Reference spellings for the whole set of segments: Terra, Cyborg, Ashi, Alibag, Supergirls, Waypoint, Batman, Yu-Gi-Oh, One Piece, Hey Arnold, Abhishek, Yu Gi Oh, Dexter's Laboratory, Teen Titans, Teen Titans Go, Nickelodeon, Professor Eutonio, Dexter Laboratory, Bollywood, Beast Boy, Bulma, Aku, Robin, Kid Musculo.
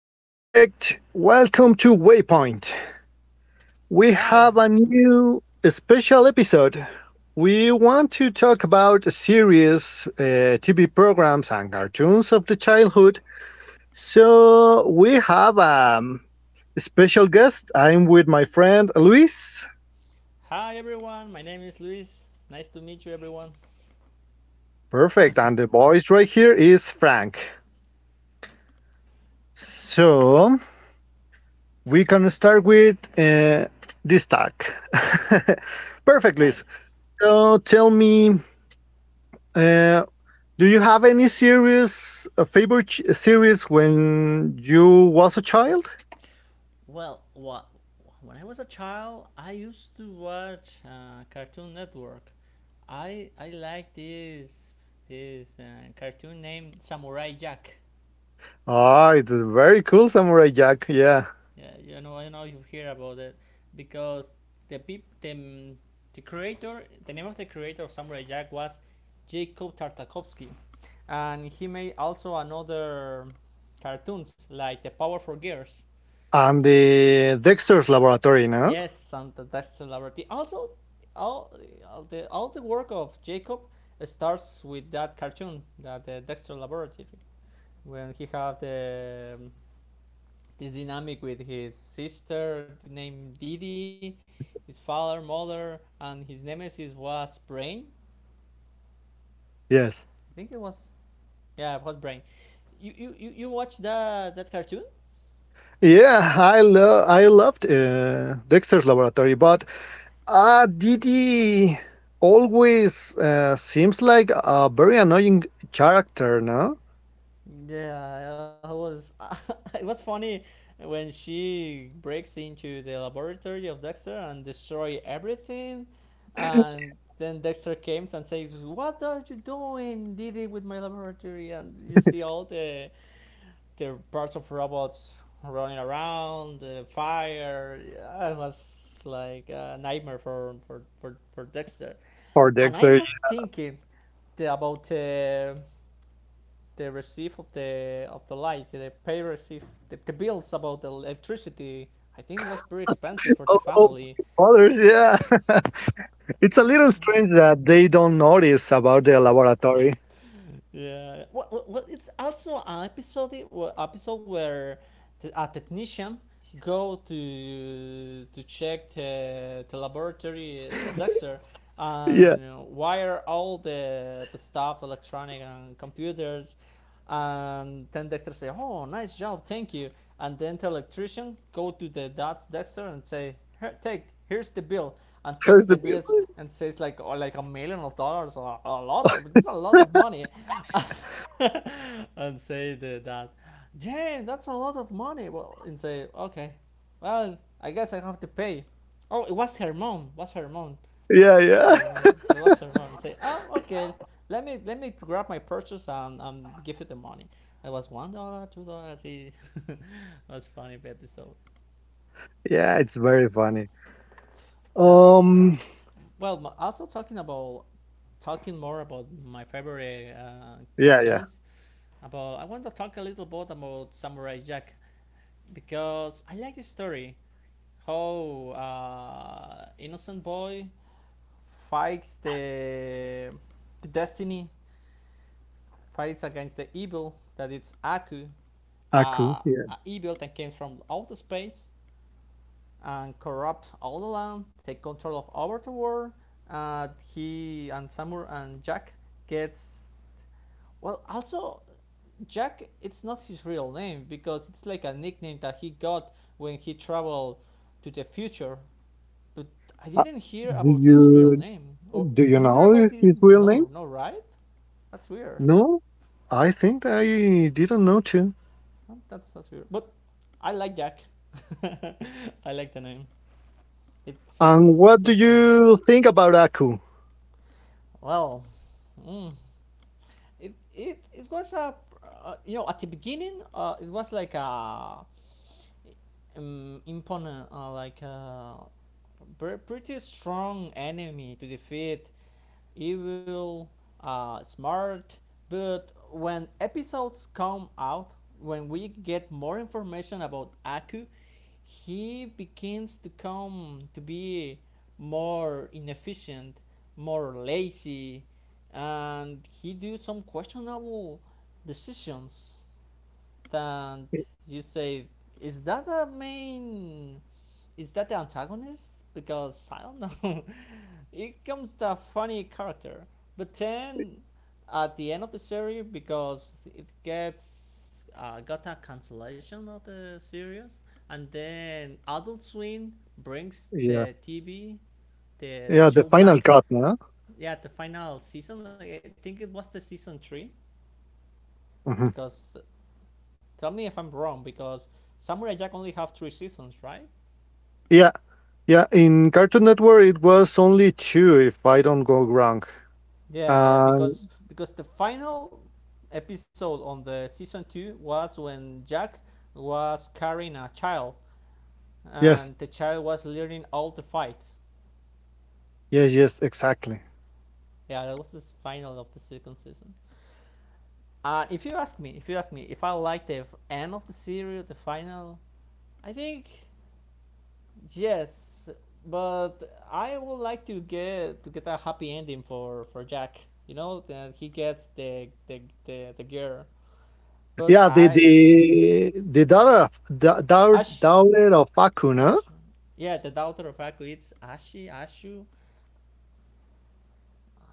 Okay, perfect. Welcome to Waypoint. We have Hi, a new special episode. We want to talk about series, TV programs, and cartoons of the childhood. So we have a special guest. I'm with my friend Luis. hi, everyone. My name is Luis. Nice to meet you, everyone. Perfect. And the voice right here is Frank. So we can start with this talk. Perfect, Luis. Nice. So tell me uh, Do you have any series, a favorite series when you was a child? Well, what when I was a child, I used to watch Cartoon Network. I like this cartoon named Samurai Jack. Ah, it's very cool, Samurai Jack. Yeah, Yeah, you know, I don't know if you hear about it because the the creator, the name of the creator of Samurai Jack was Jacob Tartakovsky, and he made also another cartoons like the Powerful Girls. and the Dexter's Laboratory, no? Yes, and that's celebrity. Also, all, all the work of Jacob starts with that cartoon, that the Dexter Laboratory, when he have the this dynamic with his sister named Didi, his father, mother, and his nemesis was Brain. Yes. I think it was yeah, it was Brain. You watched that cartoon? Yeah, I loved Dexter's Laboratory, but Didi always seems like a very annoying character, no? Yeah, I was it was funny when she breaks into the laboratory of Dexter and destroy everything, and Yeah. then Dexter comes and says, "What are you doing, Didi, with my laboratory?" And you see all the parts of robots running around, the fire. Yeah, it was like a nightmare for Dexter. Or And I Dexter, was yeah. thinking about the receipt of the light, the pay receipt, the bills about the electricity. I think it was very expensive for the of family. his fathers, yeah. It's a little strange that they don't notice about their laboratory. Yeah. Well, it's also an episode episode where a technician go to check the laboratory of Dexter Yeah, and wire all the stuff, electronic and computers. And then Dexter say, "Oh, nice job, thank you." And then the electrician go to the dad's Dexter and say, "Here, take, here's the bill." And checks here's the the bill. bills and says like, oh, like a million of dollars or a lot, it's a lot of money and say that Jane, that's a lot of money. Well, and say okay, well I guess I have to pay. Oh, it was her mom was her mom, Yeah, yeah, her mom it was her mom, and say oh okay, let me grab my purchase and give you the money. It was $1, $2. It was funny episode. yeah. It's very funny. well Um, Well, m- also talking about talking more about my favorite yeah, yeah. cartoons. About I want to talk a little bit about Samurai Jack because I like the story how innocent boy fights the destiny, fights against the evil that it's Aku, uh, Aku. Yeah. a evil that came from outer space and corrupt all the land, take control of Overworld. Uh, he and Samur and Jack gets. Well, also, Jack it's not his real name because it's like a nickname that he got when he traveled to the future. But I Uh, didn't hear do about his real you name. Or do you you hear know about his, his real name? no, no, right? That's weird. No, I think I didn't know too. Huh? That's weird. But I like Jack. I like the name. It And fits what do fits him you think about Aku? well. Mm, it was a you know, at the beginning it was like a imponent like a pretty strong enemy to defeat, evil, smart. But when episodes come out, when we get more information about Aku, he begins to come to be more inefficient, more lazy, and he do some questionable decisions. And you say, is that the main, is that the antagonist? Because I don't know. It comes the funny character, but then at the end of the series, because it gets got a cancellation of the series, and then Adult Swim brings Yeah, the TV, the yeah. The show final back. cut, no? Yeah, the final season. I think it was the season three. Hmm. Because tell me if I'm wrong. Because Samurai Jack only have three seasons, right? Yeah, yeah. In Cartoon Network, it was only two, if I don't go wrong. Yeah, yeah, Um, because the final episode on the season two was when Jack was carrying a child, and yes. the child was learning all the fights. Yes, yes, exactly. Yeah, that was the final of the second season. And if you ask me, if I like the end of the series, the final, I think yes, but I would like to get a happy ending for Jack. You know that he gets the girl, but Yeah, the the I. the daughter of Ash, daughter of Akuna. Ashu. Yeah, the daughter of Aku. It's Ashi, Ashu.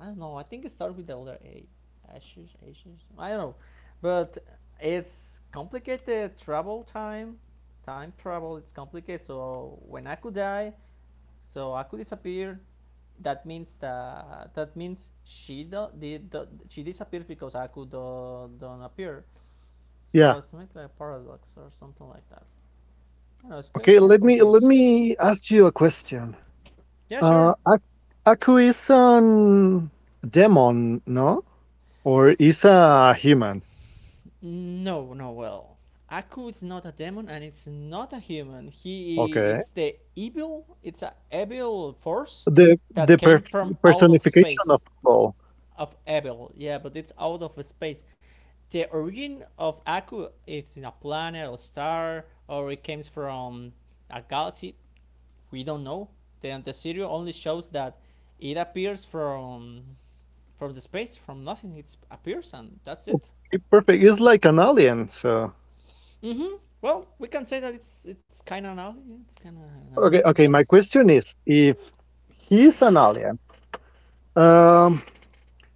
I don't know. I think it started with the older A. Ashu, Ashu. I don't know. But it's complicated travel time. Time travel, it's complicated. So when Aku die, so Aku disappear. That means she do, did do, she disappears because Aku do, don't appear. Yeah. So it's not like a paradox or something like that. I don't know. It's Okay, kind of let me let confused. me ask you a question. Yeah, Uh, sure. Ak- Aku is an demon, no? Or is a human? No, no, well. Aku is not a demon and it's not a human. He Okay. it's the evil, it's a evil force The that the came from out of personification of space. evil. Of evil, yeah, but it's out of space. The origin of Aku is in a planet or star, or it comes from a galaxy. We don't know. Then the serial only shows that it appears from the space, from nothing. It appears and that's it. Okay, perfect. It's like an alien. So Mm-hmm. Well, we can say that it's kind of an alien. Yeah, it's kind of an alien. okay, We okay. can My question is, if he is an alien, um,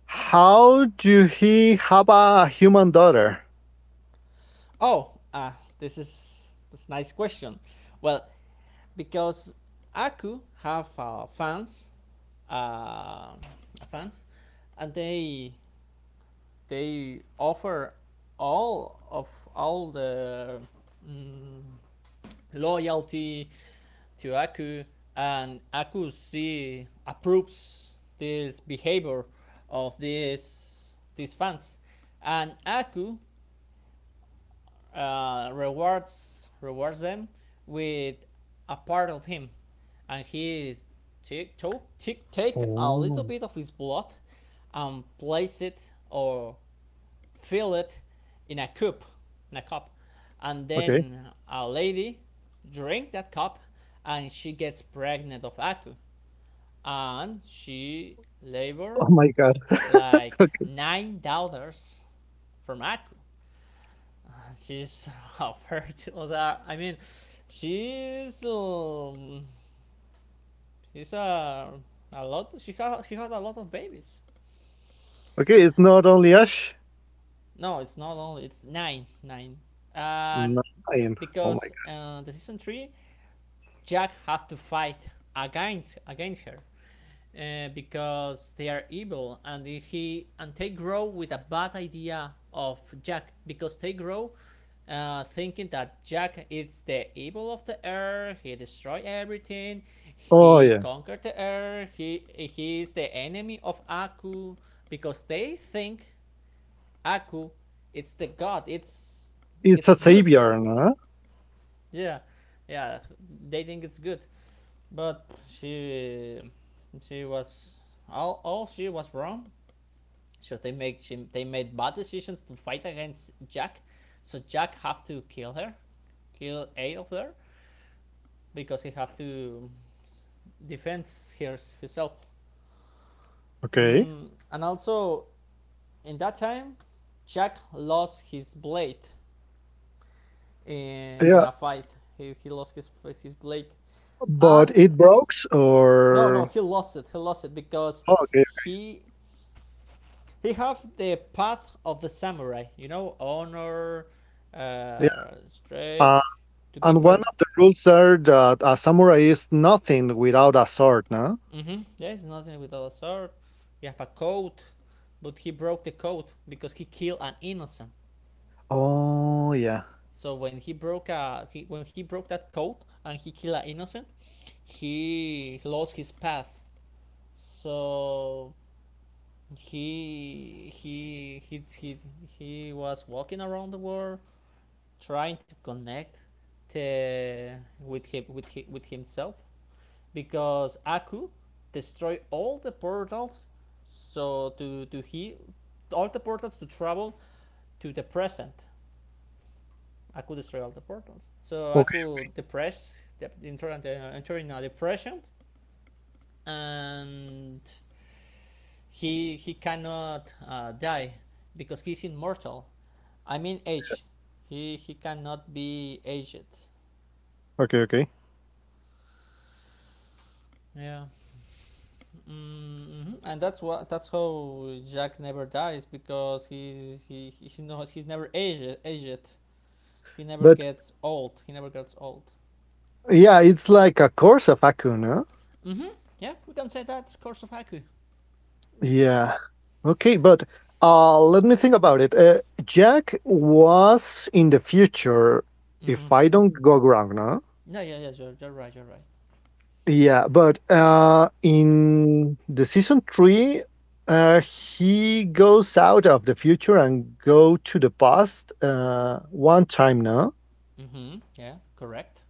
How do he have a human daughter? oh, ah, this is this nice question. Well, because Aku have uh, fans, and they offer all of all the mm, loyalty to Aku, and Aku see approves this behavior of these fans, and Aku rewards them with a part of him, and he take took- take take a little Oh, bit of his blood and place it or fill it in a cup, in a cup, and okay. then a lady drink that cup, and she gets pregnant of Aku, and she labor Oh my god. like nine daughters from Aku. She's a fertile. I mean, she's um, she's a lot. She had a lot of babies. Okay, it's not only Ash. No, it's not only, it's nine, and Nine. Oh my because god. The season three Jack have to fight against her because they are evil, and he and they grow with a bad idea of Jack because they grow thinking that Jack is the evil of the earth. He destroy everything. Oh He yeah. conquered the earth. He is the enemy of Aku because they think Aku is the god. It's a It's good. savior, no? Yeah, yeah. They think it's good, but she was all she was wrong. So they make she, they made bad decisions to fight against Jack. So Jack have to kill her, kill eight of her because he have to defend hers himself. Okay. Mm, and also in that time, Jack lost his blade in Yeah, a fight. He lost his blade and but it breaks no, or he lost it because oh okay, okay. he he have the path of the samurai, you know, honor, Yeah. Straight, Um to be and one per. of the rules are that a samurai is nothing without a sword, no? Mm-hmm. Yes, nothing without a sword. You have a code, but he broke the code because he killed an innocent. Oh yeah. So when he broke when he broke that code and he killed an innocent, he lost his path. So he he he he, he was walking around the world trying to connect to, with himself because Aku destroyed all the portals so to he all the portals to travel to the present. Aku destroyed all the portals. So Okay, Aku okay. depressed enter in a depression, and he cannot die because he's immortal. I mean age. Yes. He cannot be aged. Okay, okay. Yeah. Hmm. And that's what that's how Jack never dies because he's not, he's never aged. He never But gets old. Yeah, it's like a course of Aku, no? Hmm. Yeah, we can say that. Course of Haiku. Yeah. Okay, but let me think about it. Jack was in the future, Hmm. if I don't go wrong, no? Yeah, yeah, yeah. You're right. You're right. Yeah, but in the season three, he goes out of the future and go to the past one time, now. Hmm. Yes, correct.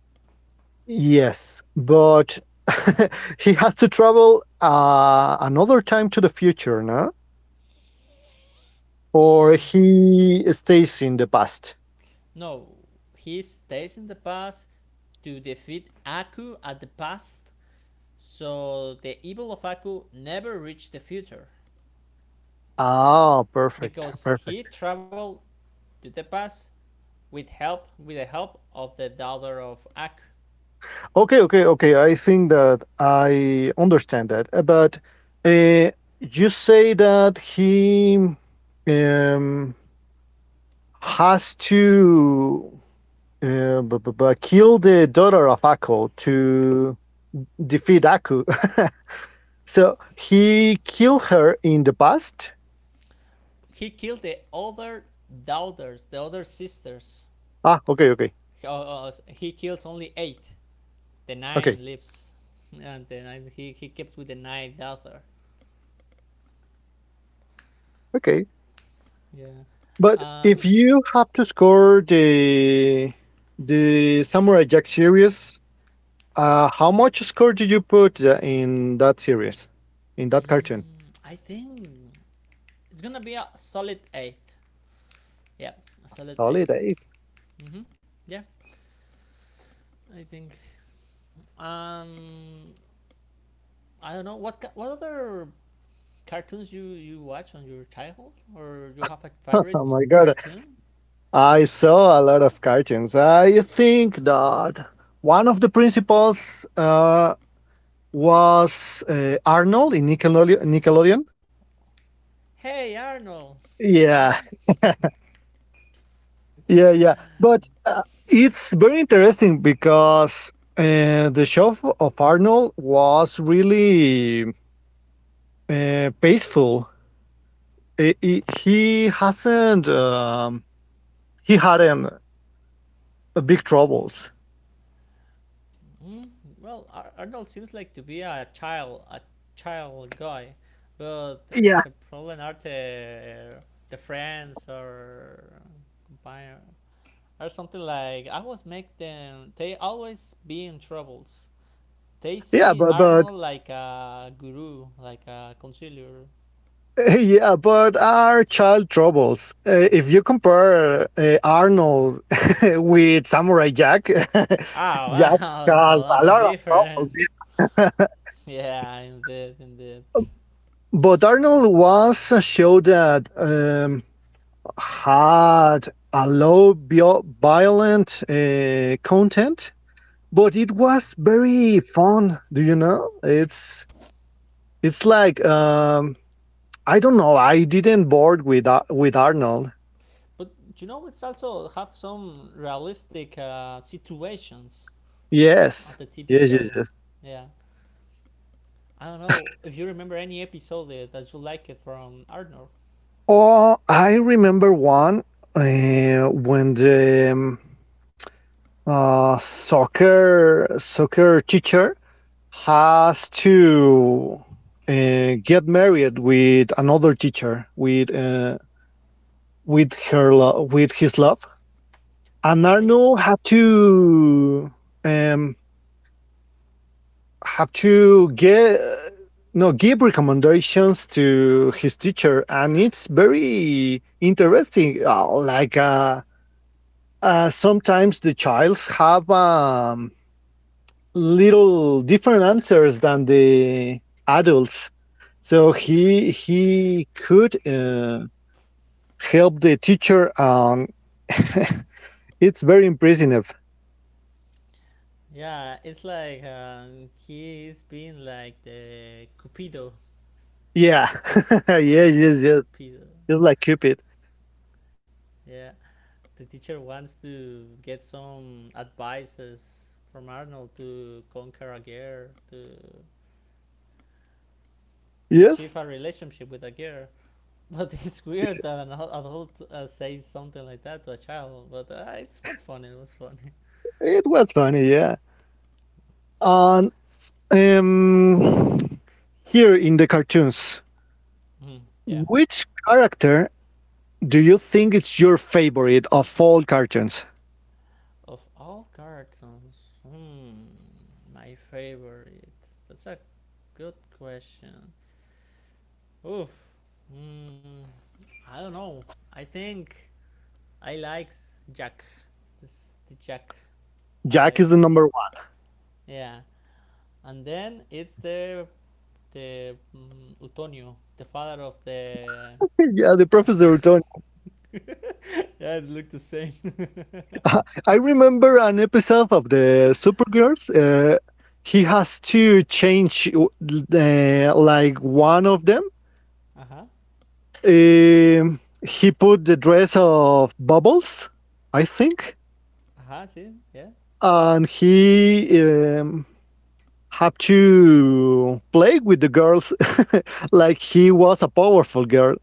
Yes, but he has to travel another time to the future, no? Or Mm, he stays in the past. no, he stays in the past to defeat Aku at the past, so the evil of Aku never reached the future Ah, perfect, because he perfect. traveled to the past with help, with the help of the daughter of Ak. Okay, okay, okay. I think that I understand that. But uh, you say that he um, has to kill the daughter of Akko to defeat Akko. So he killed her in the past? He killed the other daughters, the other sisters. Ah, okay, okay, He kills only eight. The okay, nine lives, and then he keeps with the ninth daughter. okay. Yeah, But uh, if you have to score the Samurai Jack series, how much score did you put in that series, in that cartoon? I think it's gonna be a solid eight. Yeah, a A solid solid 8. eight. Mm-hmm. Yeah, I think. Um, I don't know what other cartoons you watch on your childhood, or you have a Oh favorite my god, cartoon. I saw a lot of cartoons. I think that one of the principals was Arnold in Nickelodeon. Hey Arnold. Huh? Yeah, yeah, yeah. But it's very interesting because the show of Arnold was really peaceful. He hasn't. He had Like, an big troubles. mm, well, Arnold seems like to be a child, a child guy, but Yeah. the problem are the friends or companion or something like. I was make them, they always be in troubles. They Yeah, see but Arnold but like a guru, like a counselor. yeah, but our child troubles. If you compare Arnold with Samurai Jack, Oh Jack wow, it's a has lot a of lot of different. troubles. Yeah, Yeah, yeah, yeah. indeed, indeed. But Arnold was a show that had a low violent content, but it was very fun. Do you know? It's like I don't know. I didn't board with with Arnold. But you know, it's also have some realistic situations at Yes, the TV yes, yes, show. yes. Yeah, I don't know if you remember any episode that that you like it from Arnor, Oh, I remember one when the soccer teacher has to get married with another teacher with with his love, and right? Arnold had to um, have to get, no, give recommendations to his teacher, and it's very interesting. Like sometimes the childs have little different answers than the adults, so he could help the teacher on. It's very impressive. Yeah, it's like he is being like the Cupido. Yeah, yeah, He's yes, like the yes. Cupido. Just like Cupid. Yeah, the teacher wants to get some advices from Arnold to conquer a girl, to Yes, achieve a relationship with a girl. But it's weird it, that an adult says something like that to a child, but it's what's funny. It was funny. it was funny. Yeah. And um, here in the cartoons, Hmm, yeah. which character do you think it's your favorite of all cartoons? Of all cartoons, hmm, my favorite. That's a good question. Oof. Hmm, I don't know. I think I like Jack. This the Jack I Jack like. is the number one. Yeah. And then it's Perfect. the Utonio, the father of the. Yeah, the Professor Antonio. Yeah, it looked the same. I remember an episode of the Supergirls. He has to change like one of them. Uh huh. Um, he put the dress of Bubbles, I think, Huh? See, yeah. and he have to play with the girls like he was a powerful girl.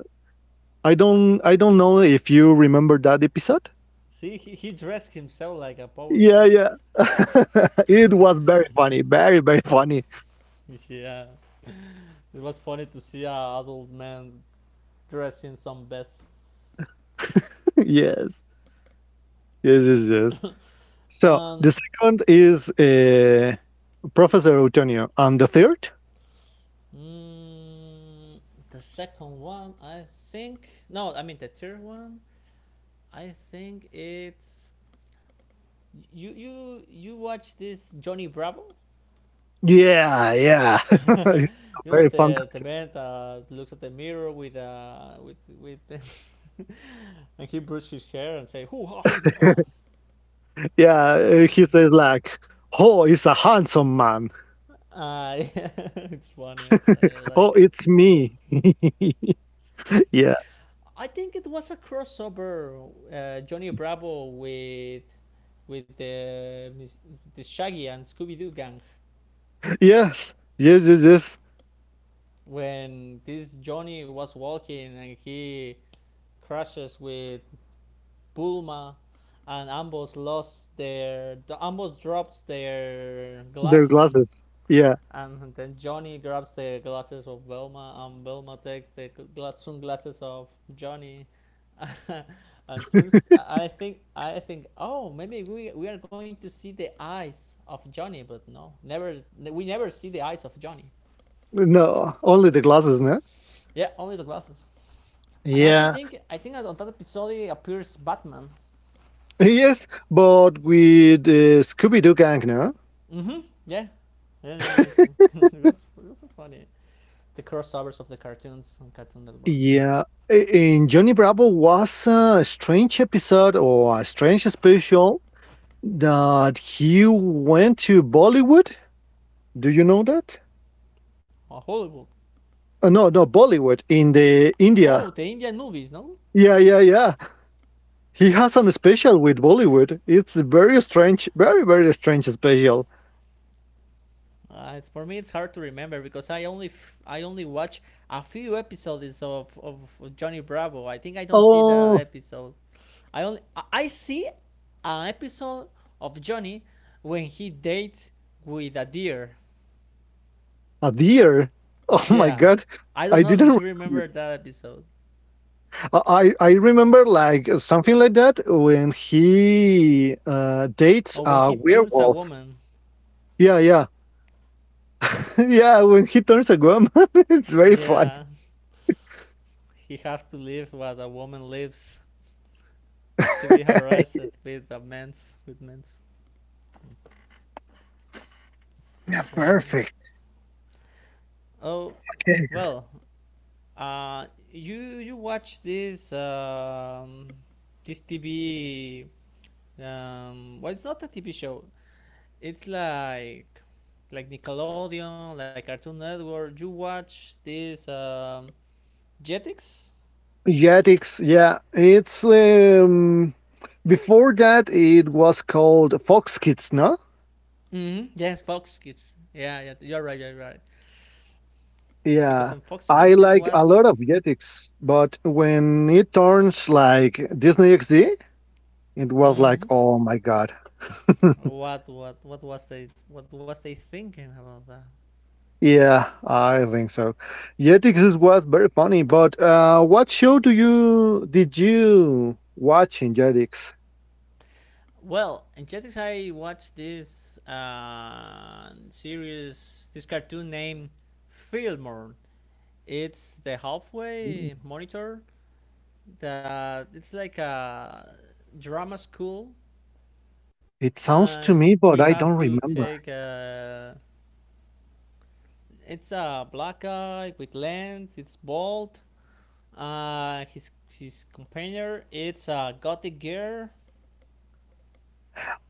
I don't know if you remember that episode. See, he dressed himself like a Yeah, powerful. yeah. It was very funny, very very funny. You see, yeah, it was funny to see a adult man dressed in some best. Yes. Yes, yes, yes. So, Um, the second is Professor Eutonio and the third? mm, the second one, I think. No, I mean the third one. I think it's you watch this Johnny Bravo. Yeah, yeah. It's a You know very fun the cartoon. man that looks at the mirror with with and he brushes his hair and say who are you? Yeah, he says like, "Oh, it's a handsome man. Uh, it's one answer. I like Oh, it. it's me." It's, it's me. Yeah, I think it was a crossover, Johnny Bravo with the the Shaggy and Scooby Doo gang yes, yes, yes, yes. when this Johnny was walking and he crashes with Bulma, and ambos lost their the ambos drops their Their glasses. glasses. Yeah. And then Johnny grabs the glasses of Velma, and Velma takes the sunglasses of Johnny. And since I think oh maybe we are going to see the eyes of Johnny, but no, never we never see the eyes of Johnny. No, only the glasses, no? Yeah, only the glasses. And also I Yeah. think I think on that episode appears Batman. Yes, but with the Scooby Doo gang, no? Mm-hmm. Yeah. Yeah, yeah, yeah, I think it was so funny. The crossovers of the cartoons on Cartoon Network. Yeah. In Johnny Bravo was a strange episode or a strange special that he went to Bollywood. Do you know that? Oh, Hollywood. No, no, Bollywood in the Oh, India. the Indian movies, no? Yeah, yeah, yeah. He has an special with Bollywood. It's very strange, very, very strange special. It's for me. It's hard to remember because I only watch a few episodes of Johnny Bravo. I think I don't see that Oh, episode. I only I see an episode of Johnny when he dates with a deer. a deer? Oh my Yeah, god. I don't I know if didn't you remember remember that. that episode I remember like something like that when he dates or when a he turns a werewolf. woman. Yeah, yeah. Yeah, when he turns a woman, it's very fun. Yeah, he has to live what a woman lives to be harassed Yeah. with a men's. Yeah, Yeah. perfect. Oh, Okay. well, you watch this this TV? Well, it's not a TV show. It's like Nickelodeon, like Cartoon Network. You watch this Jetix? Jetix, yeah. It's before that it was called Fox Kids, no? Mm-hmm. Yes, Fox Kids. Yeah, yeah, you're right, you're right. Because Yeah. in Fox I Kids it like a lot of was. Jetix, but when it turns like Disney XD, it was Mm-hmm. like, oh my god. What was they what was they thinking about that? Yeah, I think so. Jetix was very funny, but what show do you did you watch in Jetix? Well, in Jetix, I watched this series, this cartoon named Fillmore. It's the halfway Mm, monitor that it's like a drama school, it and he sounds to has me, to but I take don't remember. a. It's a black guy with lens. It's bald. His companion. It's a gothic girl.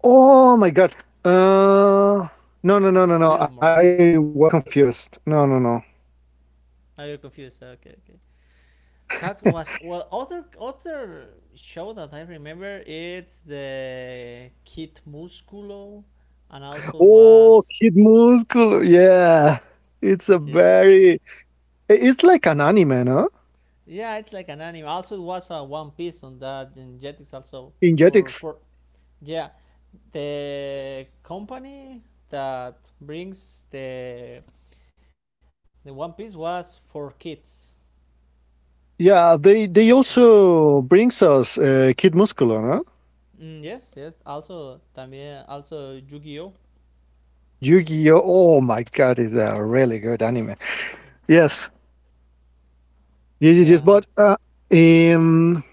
Oh my god. Uh, no, no, no, It's no, no. Fillmore. I was confused. No, no, no. Are you confused. Okay, okay. That was well. Other show that I remember it's the Kid Musculo, and also Oh, was Kid Musculo. Yeah, it's a yeah very. It's like an anime, no? yeah it's like an anime. Also it was a One Piece on that and Jetix also In for Jetix. for yeah the company that brings the One Piece was for kids. Yeah, they Y- also brings us Kid Musculo, no? Yes yes also también also Yu Gi Oh Yu-Gi-Oh! Oh my God, is a really good anime. Yes, yes, yes, yes. yeah But um,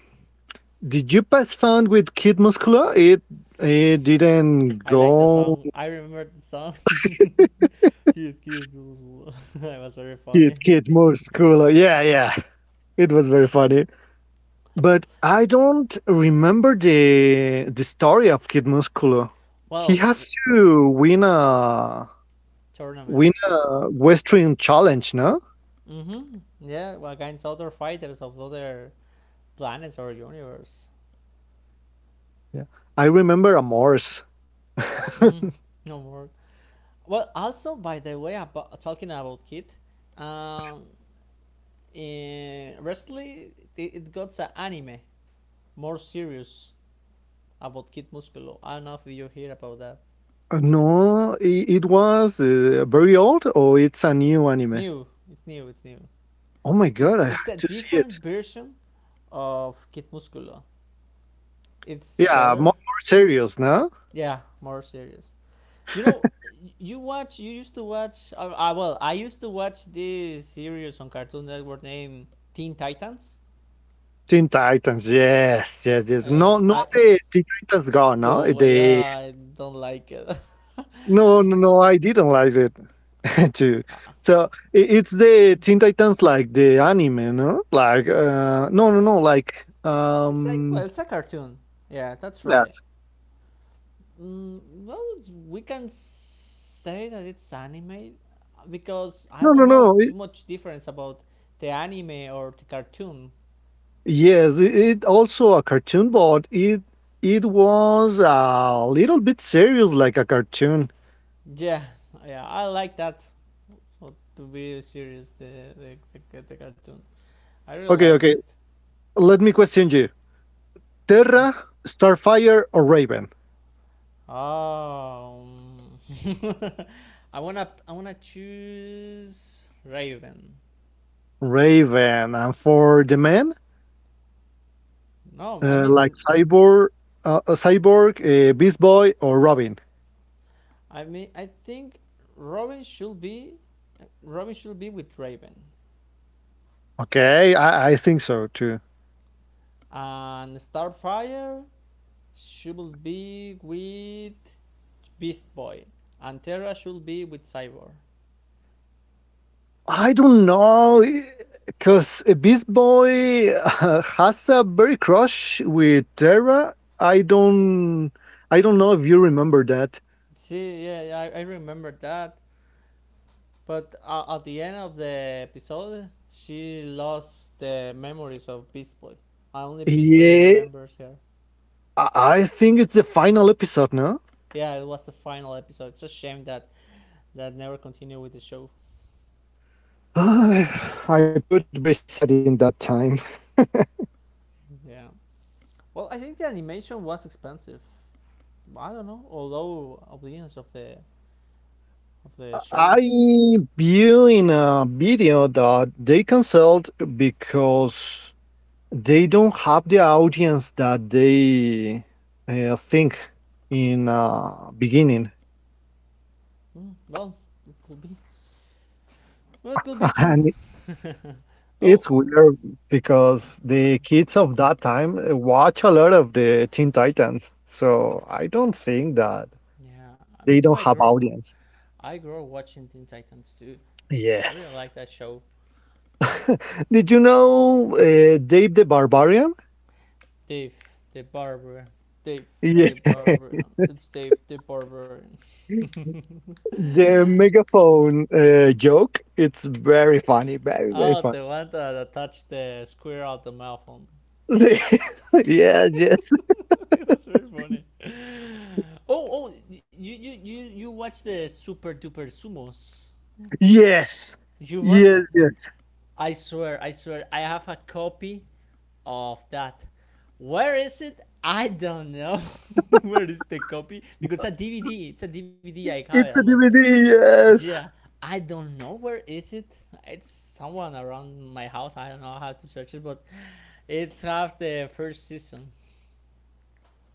did you pass found with Kid Musculo? It didn't I like the song. I go. remember the song. Kid, kid. That was very Kid funny. Kid Musculo. Yeah, yeah. It was very funny. But I don't remember the story of Kid Musculo. He Well, has to win a tournament. win a Western challenge, no? Mm-hmm. Yeah, well, against other fighters of other planets or universe. Yeah. I remember a Morse. Mm, no more. Well, also, by the way, about, talking about Kid, Uh-huh. um, in, recently it, it got an anime more serious about Kid Musculo. I don't know if you hear about that. No, it was very old or it's a new anime? New. It's new. It's new. Oh my god, It's I it's had a to see it. different version of Kid Musculo. It's Yeah, mo better. more serious, no? Yeah, more serious. You know, You used to watch. Well, I used to watch this series on Cartoon Network named Teen Titans. Teen Titans, yes, yes, yes. No, no, I the Teen Titans Go, no? go. I don't like it. No, no, no, I didn't like it too. Uh, So it's the Teen Titans like the anime, no? Like, no, no, no, like, it's like well, um, it's a cartoon. Yeah, that's right. yes. Mm, well, we can say that it's anime because I No, no, don't no. know too much difference about the anime or the cartoon. Yes, it also a cartoon, but it was a little bit serious like a cartoon. Yeah, yeah, I like that. So, to be serious, the cartoon, I really Okay, like okay, it. let me question you. Mm. Terra, Starfire, or Raven? Oh, mm. I wanna choose Raven. Raven, and for the men, No, I like mean, Cyborg, Beast Boy, or Robin. I mean, I think Robin should be Robin should be with Raven, Okay, I think so too. and Starfire should be with Beast Boy, and Terra should be with Cyborg. I don't know, because Beast Boy has a very crush with Terra. I don't know if you remember that. See, yeah, yeah, I remember that. But at the end of the episode, she lost the memories of Beast Boy. Only Beast Boy Yeah, remembers her. I think it's the final episode, no? Yeah, it was the final episode. It's a shame that that never continued with the show. I put very sad in that time. Yeah. Well, I think the animation was expensive. I don't know. Although opinions of the show. I view in a video that they canceled because they don't have the audience that they think in beginning. Mm, well, it could be. Well, it could be true. And Oh, it's weird because the kids of that time watch a lot of the Teen Titans. So I don't think that yeah. Me they too. don't have audience. I grow watching Teen Titans too. I really Yes. like that show. Did you know Dave the Barbarian? Dave the Barber. Dave Yeah. the Barbarian. It's Dave the Barbarian. The megaphone joke. It's very funny. Very, very Oh, the funny. one that attached the square out the mouth on. Yes, yes. It was very funny. You watch the Super Duper Sumos. Yes. You watch it. Yes, yes. I swear, I have a copy of that. Where is it? I don't know. Where is the copy? Because it's a DVD. It's a DVD. I have it on It's a myself. DVD. Yeah, Yes. I don't know where is it. It's someone around my house. I don't know how to search it, but it's half the first season.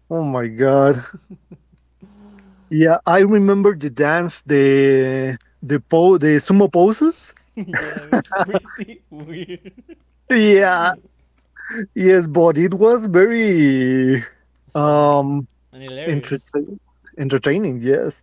Oh my God. Yeah, I remember the dance, the sumo poses. Yeah, it was pretty weird. Yeah, yes, but it was very It's funny um and hilarious. entertaining. Entertaining, yes.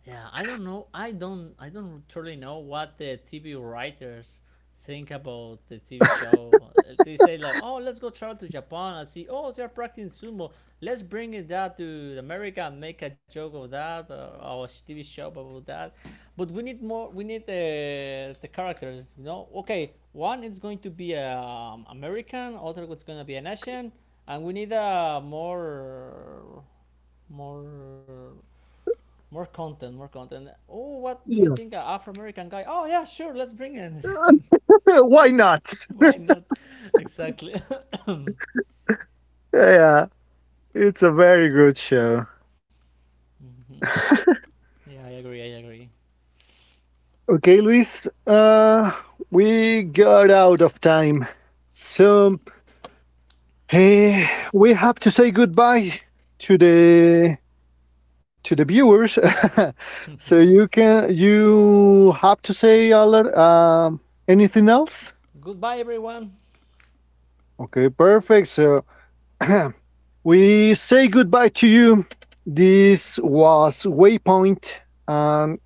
Yeah, I don't know. I don't truly know what the TV writers think about the TV show. They say like, "Oh, let's go travel to Japan and see. Oh, they're practicing sumo. Let's bring it that to America and make a joke of that or our TV show about that." But we need more. We need the characters. You know, okay. One is going to be a American. Other is going to be an Asian, and we need a more more content, more content. Oh, what do you Yeah. think, an Afro American guy? Oh yeah, sure, let's bring it. Why not? Why not? Exactly. Yeah, it's a very good show. Yeah, I agree. I agree. Okay, Luis, we got out of time. So, eh, we have to say goodbye to the to the viewers. So you have to say a lot, anything else? Goodbye, everyone. Okay, perfect. So we say goodbye to you. This was Waypoint, and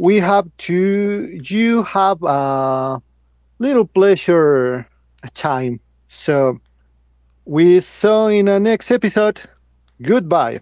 we have to you have a little pleasure time. So we saw in the next episode. Goodbye.